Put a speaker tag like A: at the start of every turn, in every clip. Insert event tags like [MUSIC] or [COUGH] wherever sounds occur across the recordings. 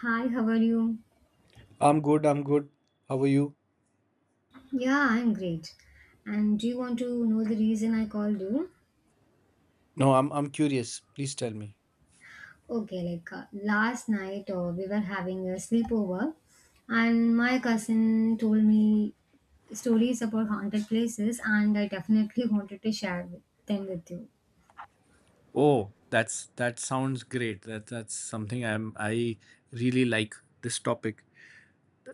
A: Hi, how are you?
B: I'm good, I'm good. How are you?
A: Yeah, I'm great. And do you want to know the reason I called you?
B: No, I'm curious. Please tell me.
A: Okay, like last night we were having a sleepover, and my cousin told me stories about haunted places, and I definitely wanted to share them with you.
B: Oh, that sounds great. That's something I really like this topic.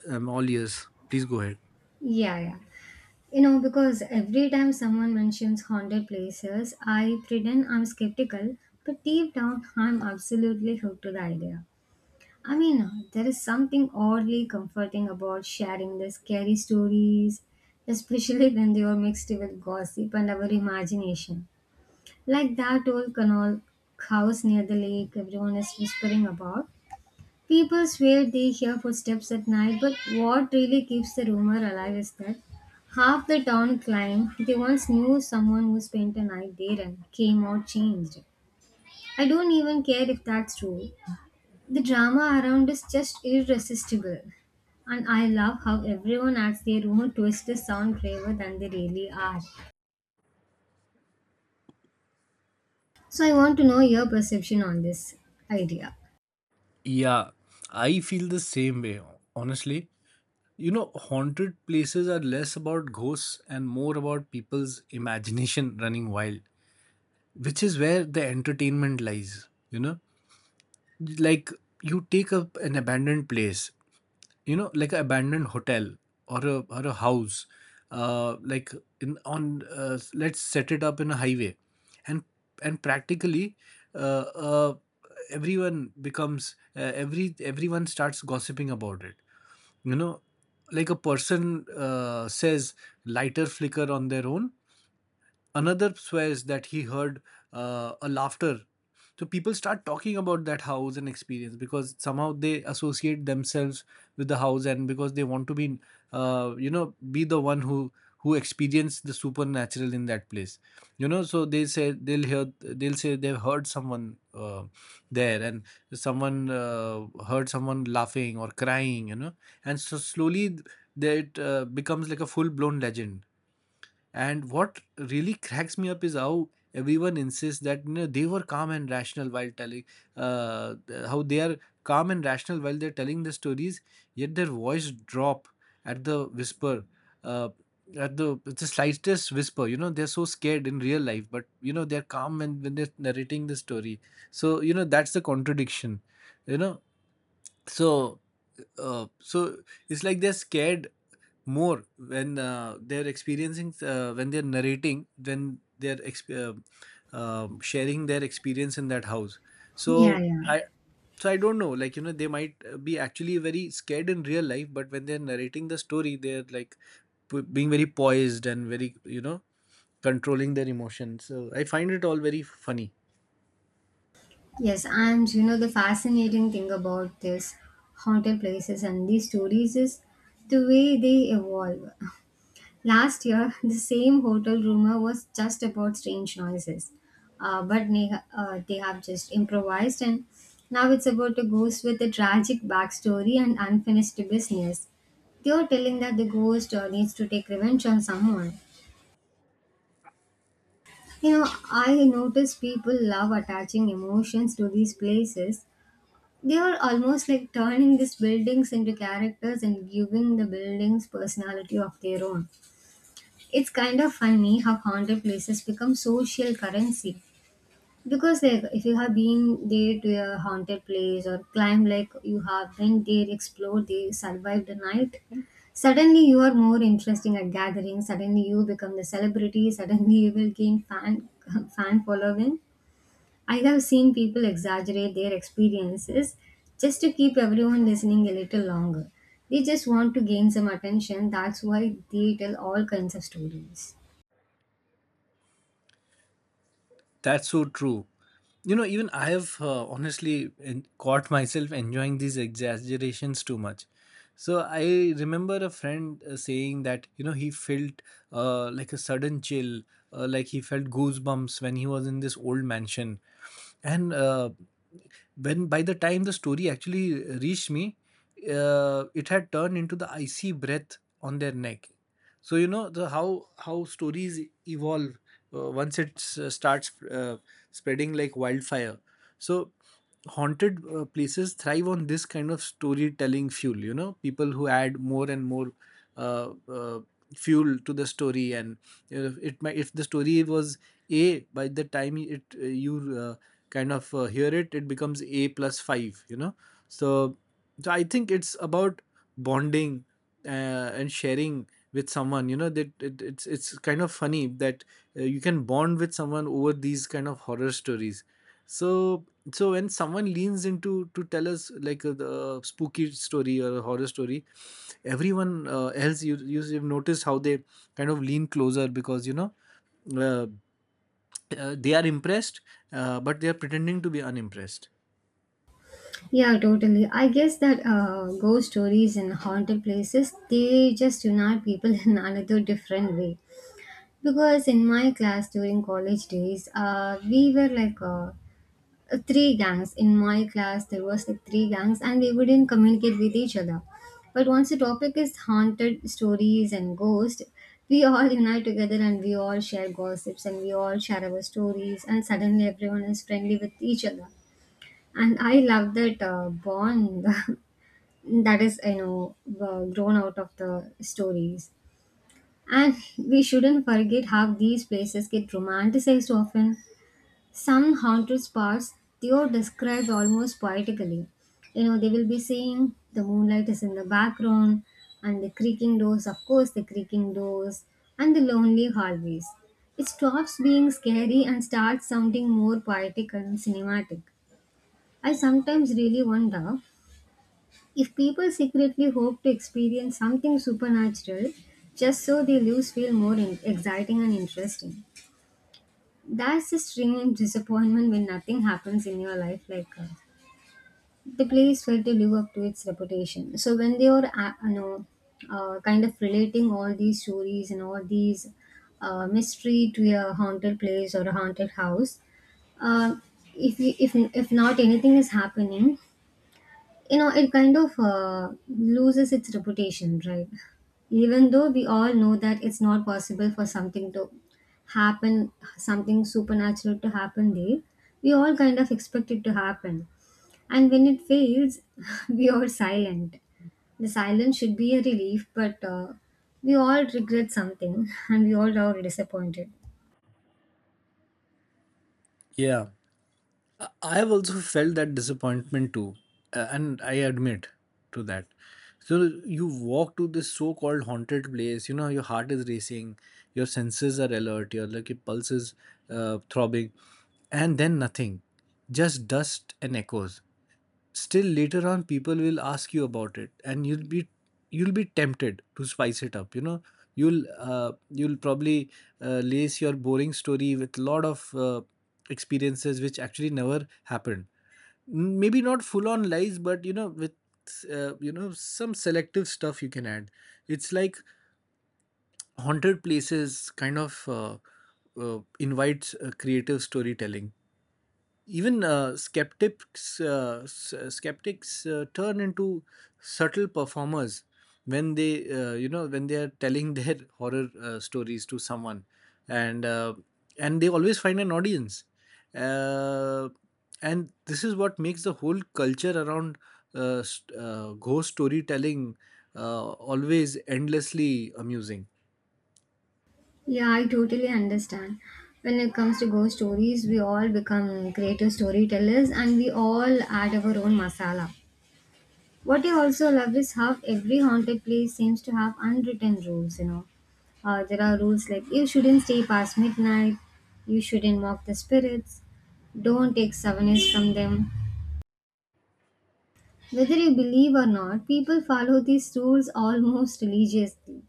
B: I'm all ears. Please go ahead.
A: Yeah, yeah. Because every time someone mentions haunted places, I pretend I'm skeptical, but deep down, I'm absolutely hooked to the idea. I mean, there is something oddly comforting about sharing the scary stories, especially [LAUGHS] when they are mixed with gossip and our imagination. Like that old canal house near the lake everyone is whispering about. People swear they hear footsteps at night, but what really keeps the rumor alive is that half the town claim they once knew someone who spent a night there and came out changed. I don't even care if that's true. The drama around is just irresistible. And I love how everyone adds their own twist to sound braver than they really are. So I want to know your perception on this idea.
B: Yeah, I feel the same way, honestly. You know, haunted places are less about ghosts and more about people's imagination running wild, which is where the entertainment lies, you know? Like you take up an abandoned place, you know, like an abandoned hotel, or a house, like, in on let's set it up in a highway, and practically uh, uh everyone becomes every everyone starts gossiping about it, you know, like a person says lighter flicker on their own. Another swears that he heard a laughter. So people start talking about that house and experience, because somehow they associate themselves with the house and because they want to be, be the one who experienced the supernatural in that place. You know, so they say they've heard someone there, and someone heard someone laughing or crying. You know, and so slowly, that becomes like a full blown legend. And what really cracks me up is how everyone insists that, you know, they were calm and rational while telling, how they are calm and rational while they're telling the stories, yet their voice drop at the whisper, uh, at the slightest whisper. You know, they're so scared in real life, but you know they're calm and when they're narrating the story. So, you know, that's the contradiction. You know, so so it's like they're scared more when they're experiencing when they're narrating sharing their experience in that house. so
A: Yeah, yeah.
B: i so i don't know, like, you know, they might be actually very scared in real life, but when they're narrating the story, they're like being very poised and very, you know, controlling their emotions, so I find it all very funny.
A: Yes, and you know the fascinating thing about this haunted places and these stories is the way they evolve. Last year, [LAUGHS] the same hotel rumor was just about strange noises, but they have just improvised, and now it's about a ghost with a tragic backstory and unfinished business. They are telling that the ghost needs to take revenge on someone. You know, I notice people love attaching emotions to these places. They are almost like turning these buildings into characters and giving the buildings personality of their own. It's kind of funny how haunted places become social currency because like if you have been there to a haunted place or climb like you have been there, explored there, survived the night, suddenly you are more interesting at gatherings. Suddenly you become the celebrity. [LAUGHS] Suddenly you will gain fan [LAUGHS] fan following. I have seen people exaggerate their experiences just to keep everyone listening a little longer. They just want to gain some attention. That's why they tell all kinds of stories.
B: That's so true. You know, even I have, honestly, caught myself enjoying these exaggerations too much. So I remember a friend saying that, you know, he felt, like a sudden chill, like he felt goosebumps when he was in this old mansion. And, when by the time the story actually reached me, it had turned into the icy breath on their neck. So, you know, the how stories evolve once it starts spreading like wildfire. So haunted, places thrive on this kind of storytelling fuel, you know, people who add more and more uh, uh, fuel to the story. And, you know, it might, if the story was a by the time it you kind of hear it becomes a plus 5, you know. So, so I think it's about bonding, and sharing with someone. You know that, it's kind of funny that, you can bond with someone over these kind of horror stories. So so when someone leans into to tell us like, the spooky story or a horror story, everyone else, you have noticed how they kind of lean closer, because, you know, uh, they are impressed, but they are pretending to be unimpressed.
A: Yeah, totally. I guess that ghost stories and haunted places, they just unite people [LAUGHS] in another different way. Because in my class during college days, we were like three gangs. In my class, there was like three gangs and we wouldn't communicate with each other. But once the topic is haunted stories and ghosts, we all [LAUGHS] unite together and we all share gossips and we all share our stories and suddenly everyone is friendly with each other, and I love that bond [LAUGHS] that is, grown out of the stories. And we shouldn't forget how these places get romanticized often. Some haunted spots, they are described almost poetically. You know, they will be saying the moonlight is in the background, and the creaking doors, of course, the creaking doors, and the lonely hallways. It stops being scary and starts sounding more poetic and cinematic. I sometimes really wonder if people secretly hope to experience something supernatural just so the news feel more exciting and interesting. That's the strange disappointment when nothing happens in your life, like the place failed to live up to its reputation. So when they are kind of relating all these stories and all these mystery to a haunted place or a haunted house, uh, if you, if not anything is happening, you know it kind of loses its reputation, right? Even though we all know that it's not possible for something to happen, something supernatural to happen there, we all kind of expect it to happen. And when it fails, [LAUGHS] we are silent. The silence should be a relief, but we all regret something, [LAUGHS] and we all are disappointed.
B: Yeah, I have also felt that disappointment too, and I admit to that. So you walk to this so-called haunted place, you know, your heart is racing, your senses are alert, your pulse is, throbbing, and then nothing, just dust and echoes. Still, later on, people will ask you about it, and you'll be tempted to spice it up, you know. You'll probably lace your boring story with a lot of experiences which actually never happened. Maybe not full on lies, but, you know, with, some selective stuff you can add. It's like haunted places kind of invites creative storytelling. Even skeptics turn into subtle performers when they you know when they are telling their [LAUGHS] horror stories to someone. And uh, and they always find an audience, uh, and this is what makes the whole culture around, ghost storytelling, always endlessly amusing.
A: Yeah, I totally understand. When it comes to ghost stories, we all become creative storytellers and we all add our own masala. What I also love is how every haunted place seems to have unwritten rules, you know. There are rules like you shouldn't stay past midnight, you shouldn't mock the spirits, don't take souvenirs from them. Whether you believe or not, people follow these rules almost religiously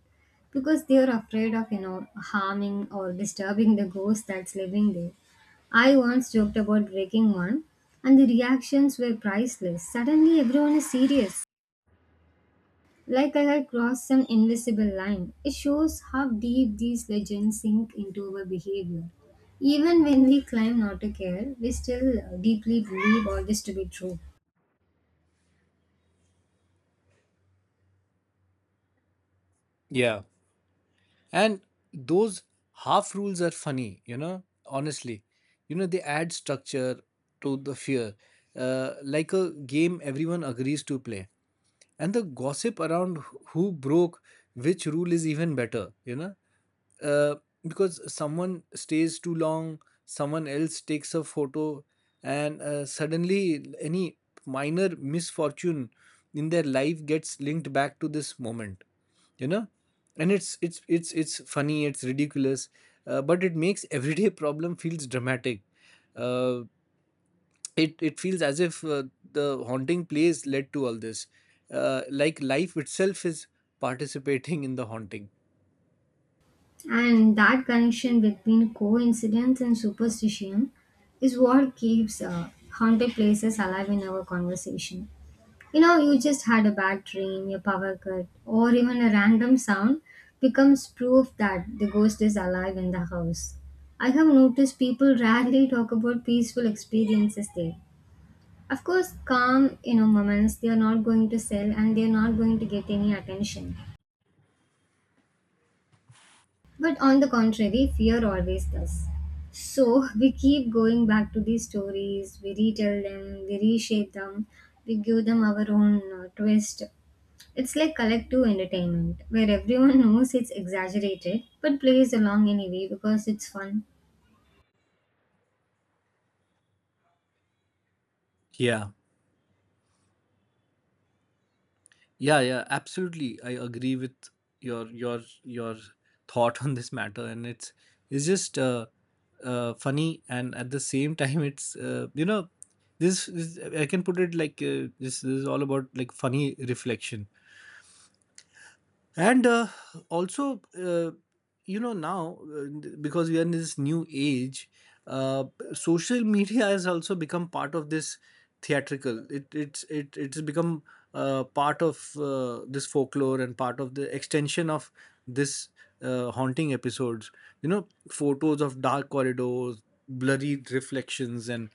A: because they are afraid of, you know, harming or disturbing the ghost that's living there. I once joked about breaking one, and the reactions were priceless. Suddenly, everyone is serious, like I had crossed some invisible line. It shows how deep these legends sink into our behavior. Even when we claim not to care, we still deeply believe all this to be true.
B: Yeah. And those half rules are funny, you know, honestly. You know, they add structure to the fear, like a game everyone agrees to play. And the gossip around who broke which rule is even better, you know. uh, because someone stays too long, someone else takes a photo, and, suddenly, any minor misfortune in their life gets linked back to this moment, you know. And it's funny, it's ridiculous, but it makes everyday problem feels dramatic. Uh, it feels as if, the haunting plays led to all this, like life itself is participating in the haunting.
A: And that connection between coincidence and superstition is what keeps haunted places alive in our conversation. You know, you just had a bad dream, your power cut, or even a random sound becomes proof that the ghost is alive in the house. I have noticed people rarely talk about peaceful experiences there. Of course, calm, you know, moments, they are not going to sell and they are not going to get any attention. But on the contrary, fear always does. So [LAUGHS] we keep going back to these stories, we retell them, we reshape them, we give them our own twist. It's like collective entertainment where everyone [LAUGHS] knows it's exaggerated but plays along anyway because it's fun.
B: Yeah, yeah, yeah. Absolutely, I agree with your your your thought on this matter, and it's just, funny, and at the same time, it's, you know, this is, I can put it like, this is all about, like, funny reflection. And, also, now, because we are in this new age, uh, social media has also become part of this theatrical. It's become, part of, this folklore, and part of the extension of this, haunting episodes. You know, photos of dark corridors, blurry reflections, and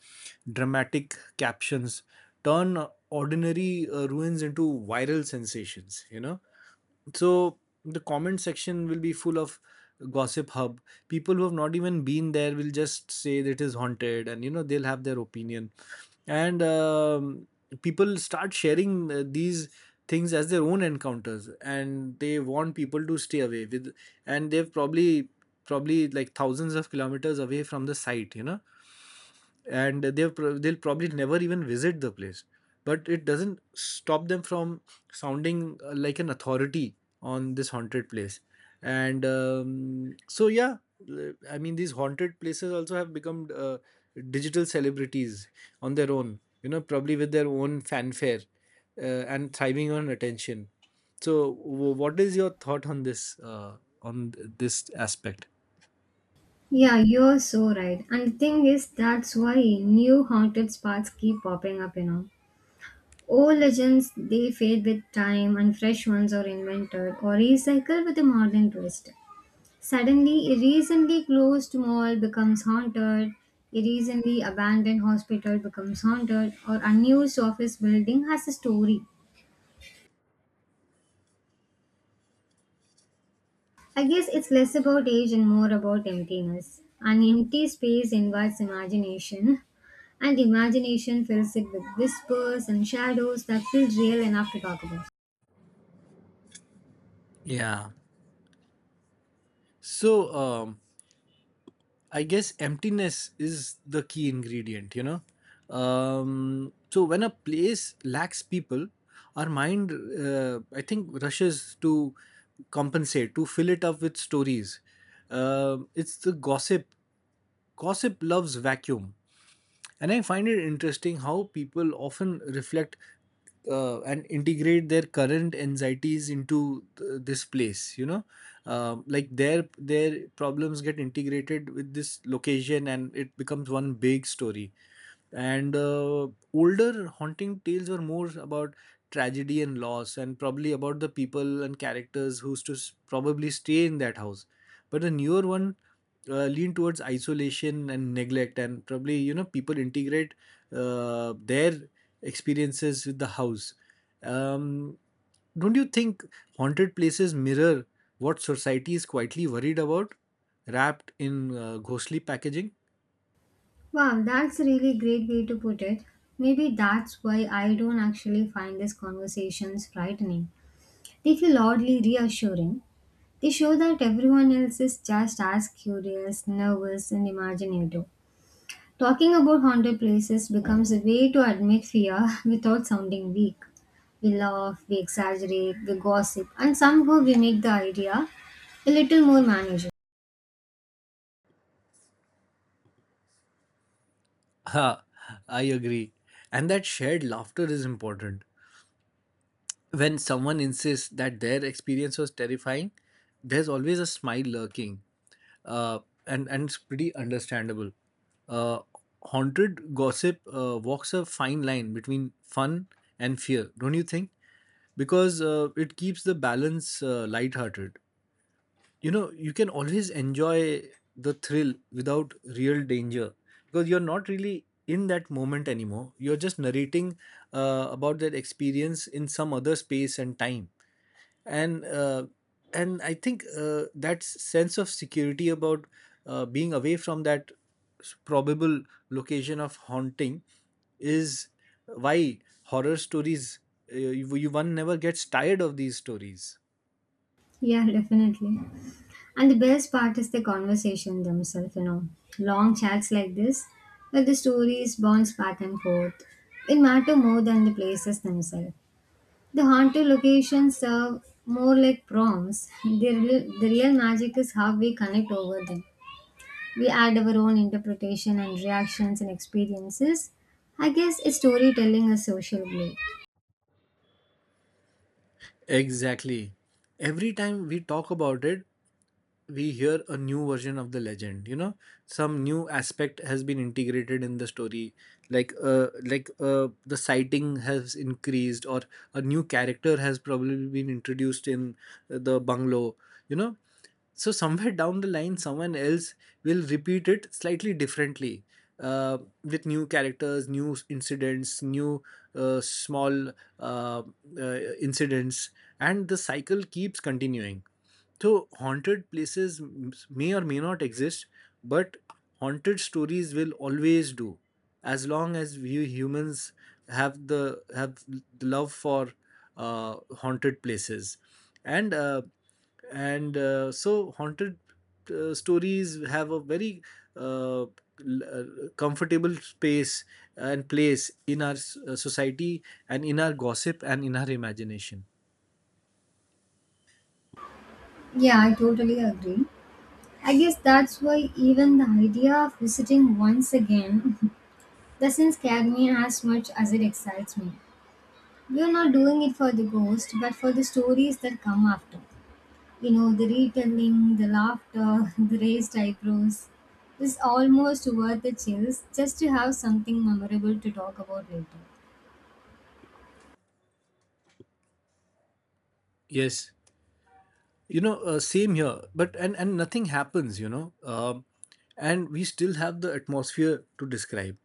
B: dramatic captions turn ordinary ruins into viral sensations, you know. So the comment section will be full of gossip hub. People who have not even been there will just say that it is haunted, and, you know, they'll have their opinion. And people start sharing these things as their own encounters, and they want people to stay away with. And they've probably like thousands of kilometers away from the site, you know. And they'll probably never even visit the place, but it doesn't stop them from sounding like an authority on this haunted place. And so, yeah, I mean, these haunted places also have become, digital celebrities on their own, you know, probably with their own fanfare, and thriving on attention. So what is your thought on this, this aspect?
A: Yeah, you're so right. And the thing is, that's why new haunted spots keep popping up, you know. Old legends, they fade with time and fresh ones are invented or recycled with a modern twist. Suddenly, a recently closed mall becomes haunted, a recently abandoned hospital becomes haunted, or unused office building has a story. I guess it's less about age and more about emptiness. An empty space invites imagination, and imagination fills it with whispers and shadows that feel real enough to talk about.
B: yeah, so I guess emptiness is the key ingredient, you know. So when a place lacks people, our mind, I think, rushes to compensate, to fill it up with stories. It's the gossip. Gossip loves vacuum. And I find it interesting how people often reflect, and integrate their current anxieties this place, you know. Like their problems get integrated with this location, and it becomes one big story. And, older haunting tales were more about tragedy and loss, and probably about the people and characters who used to probably stay in that house. But the newer one lean towards isolation and neglect, and probably, you know, people integrate their experiences with the house. um, don't you think haunted places mirror what society is quietly worried about, wrapped in ghostly packaging? [LAUGHS]
A: Wow, that's a really great way to put it. Maybe that's why I don't actually find these conversations frightening. They feel oddly reassuring. They show that everyone else is just as curious, nervous, and imaginative. Talking about haunted places becomes a way to admit fear [LAUGHS] without sounding weak. We laugh, we exaggerate, we gossip, and somehow we make the idea a little more manageable.
B: Ha, I agree. And that shared laughter is important. When someone insists that their experience was terrifying, there's always a smile lurking. Uh, and it's pretty understandable. Uh, Haunted gossip walks a fine line between fun and fear, don't you think? Because, it keeps the balance, lighthearted. You know, you can always enjoy the thrill without real danger, because you're not really in that moment anymore, you're just narrating, about that experience in some other space and time. And uh, and I think, that sense of security about, being away from that, probable location of haunting, is why horror stories, you, you one never gets tired of these stories.
A: Yeah, definitely. And the best part is the conversation themselves, you know. Long chats like this, where the stories bounce back and forth, it matter more than the places themselves. The haunted locations serve more like prompts. The real magic is how we connect over them. We add our own interpretation and reactions and experiences. I guess it's storytelling, a social play.
B: Exactly. Every time we talk about it, we hear a new version of the legend, you know, some new aspect has been integrated in the story, like like the sighting has increased, or a new character has probably been introduced in, the bungalow, you know. So [LAUGHS] somewhere down the line, someone else will repeat it slightly differently, with new characters, new incidents, new, small, uh, incidents, and the cycle keeps continuing. So, haunted places may or may not exist, but haunted stories will always do, as long as we humans have the love for, haunted places, and uh, and so haunted, stories have a very, uh, l- uh, comfortable space and place in our, society, and in our gossip, and in our imagination.
A: Yeah, I totally agree. I guess that's why even the idea of visiting once again [LAUGHS] doesn't scare me as much as it excites me. We're not doing it for the ghost, but for the stories that come after. You know, the retelling, the laughter, [LAUGHS] the raised eyebrows is almost worth the chills just to have something memorable to talk about later.
B: Yes. Same here, but and nothing happens. And we still have the atmosphere to describe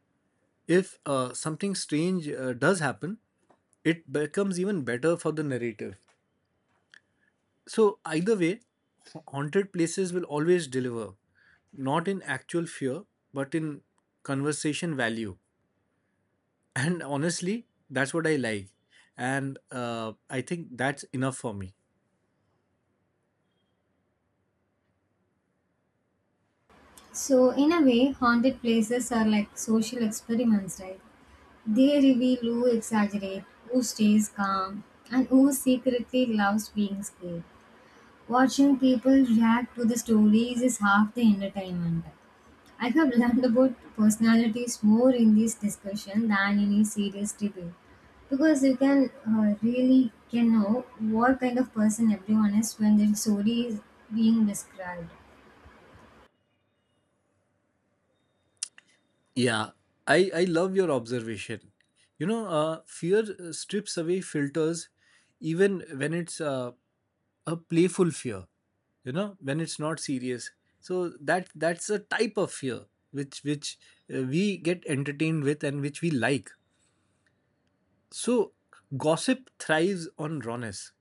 B: if something strange does happen, it becomes even better for the narrative. So either way, haunted places will always deliver, not in actual fear but in conversation value. And honestly, that's what I like. And I think that's enough for me.
A: So, in a way, haunted places are like social experiments, right? They reveal who exaggerates, who stays calm, and who secretly loves being scared. Watching people react to the stories is half the entertainment. I have learned about personalities more in this discussion than in a serious debate, because you can really can know what kind of person everyone is when their story is being described.
B: Yeah, I love your observation. You know, fear strips away filters, even when it's a playful fear, you know, when it's not serious. So that's a type of fear which we get entertained with and which we like. So gossip thrives on rawness,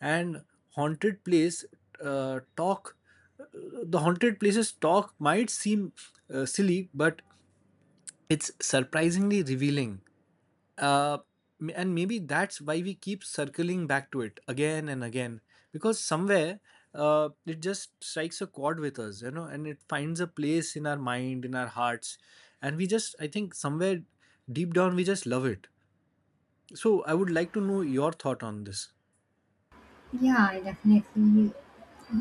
B: and haunted place talk uh, the haunted places talk might seem silly, but it's surprisingly revealing. Uh, m- and maybe that's why we keep circling back to it again and again, because somewhere it just strikes a chord with us, you know, and it finds a place in our mind, in our hearts. And we just, I think, somewhere deep down, we just love it. So I would like to know your thought on this.
A: Yeah, I definitely, you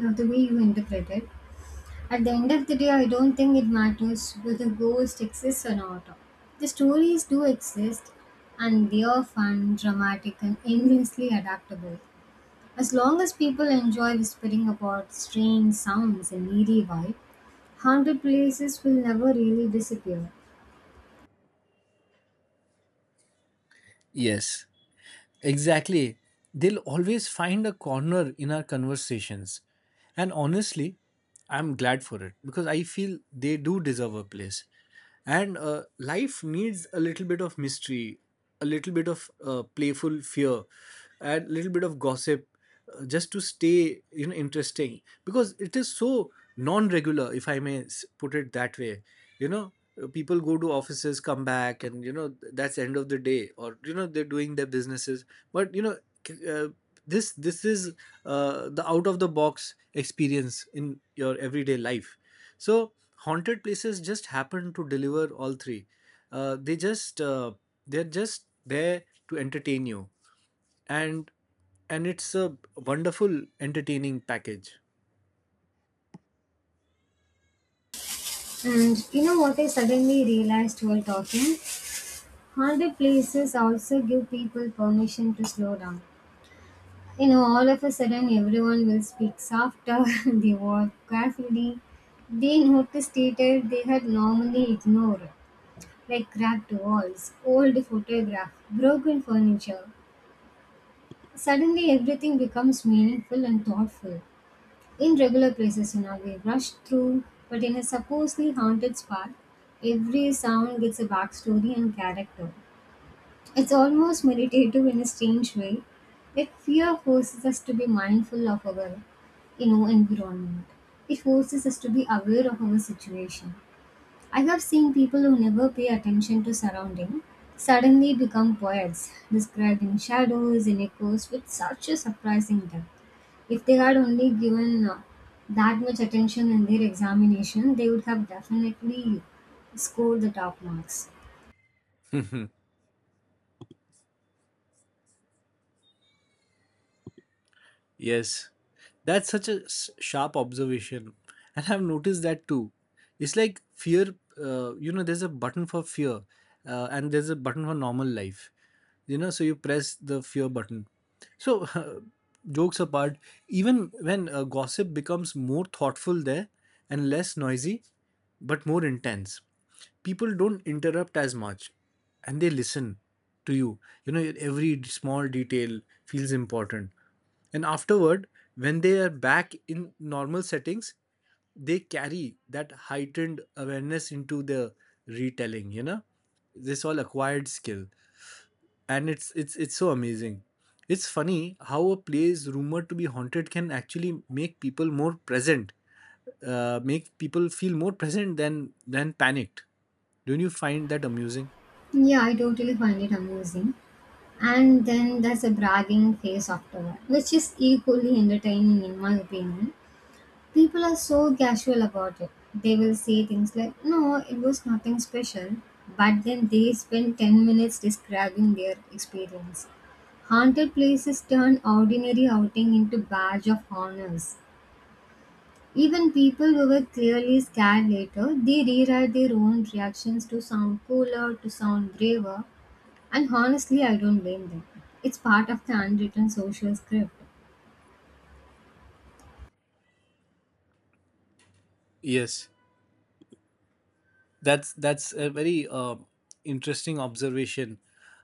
A: know, the way you interpret it. At the end of the day, I don't think it matters whether ghosts exist or not. The stories do exist, and they are fun, dramatic, and endlessly adaptable. As long as people enjoy whispering about strange sounds and eerie vibe, haunted places will never really disappear.
B: Yes. Exactly. They'll always find a corner in our conversations. And honestly, I'm glad for it, because I feel they do deserve a place. And life needs a little bit of mystery, a little bit of playful fear, and a little bit of gossip, just to stay, you know, interesting, because it is so non-regular, if I may put it that way, you know. People go to offices, come back, and, you know, that's end of the day, or, you know, they're doing their businesses. But, you know, c- uh, this is the out of the box experience in your everyday life. So haunted places just happen to deliver all three. Uh, they just they're just there to entertain you. and and it's a wonderful entertaining package.
A: And you know what I suddenly realized while talking? Haunted places also give people permission to slow down. You know, all of a sudden everyone will speak softer, [LAUGHS] they walk carefully, they notice details they had normally ignored, like cracked walls, old photographs, broken furniture. Suddenly, everything becomes meaningful and thoughtful. In regular places, you know, we rush through, but in a supposedly haunted spot, every sound gets a backstory and character. It's almost meditative in a strange way. Yet, fear forces us to be mindful of our, you know, environment. It forces us to be aware of our situation. I have seen people who never pay attention to surrounding suddenly become poets, describing shadows and echoes with such a surprising depth. If they had only given that much attention in their examination, they would have definitely scored the top marks.
B: Yes, that's such a sharp observation. And I've noticed that too. It's like fear, you know, there's a button for fear and there's a button for normal life, you know, so you press the fear button. So, [LAUGHS] jokes apart, even when gossip becomes more thoughtful there and less noisy, but more intense, people don't interrupt as much and they listen to you. You know, every small detail feels important, and afterward, when they are back in normal settings, they carry that heightened awareness into the retelling, you know, this all acquired skill. And it's so amazing. It's funny how a place rumored to be haunted can actually make people more present, make people feel more present than panicked. Don't you find that amusing?
A: Yeah, I totally find it amusing. And then there's a bragging phase afterward, which is equally entertaining in my opinion. People are so casual about it. They will say things like, no, it was nothing special, but then they spend 10 minutes describing their experience. Haunted places turn ordinary outing into badge of honors. Even people who were clearly scared later, they rewrite their own reactions to sound cooler, to sound braver, and honestly, I don't blame them. It's part of the unwritten social script.
B: Yes, that's a very interesting observation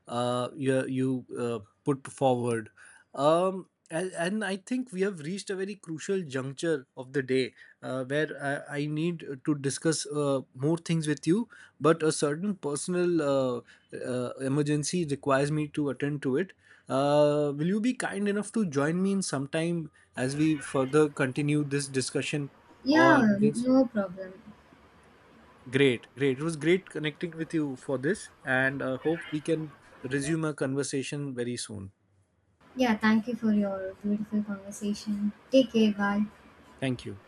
B: you put forward. And I think we have reached a very crucial juncture of the day, where I need to discuss more things with you, but a certain personal emergency requires me to attend to it. Uh, will you be kind enough to join me in some time as we further continue this discussion on
A: Yeah,
B: this?
A: no problem.
B: Great, great. It was great connecting with you for this, and hope we can resume our conversation very soon.
A: Yeah, thank you for your beautiful conversation. Take care. Bye.
B: Thank you.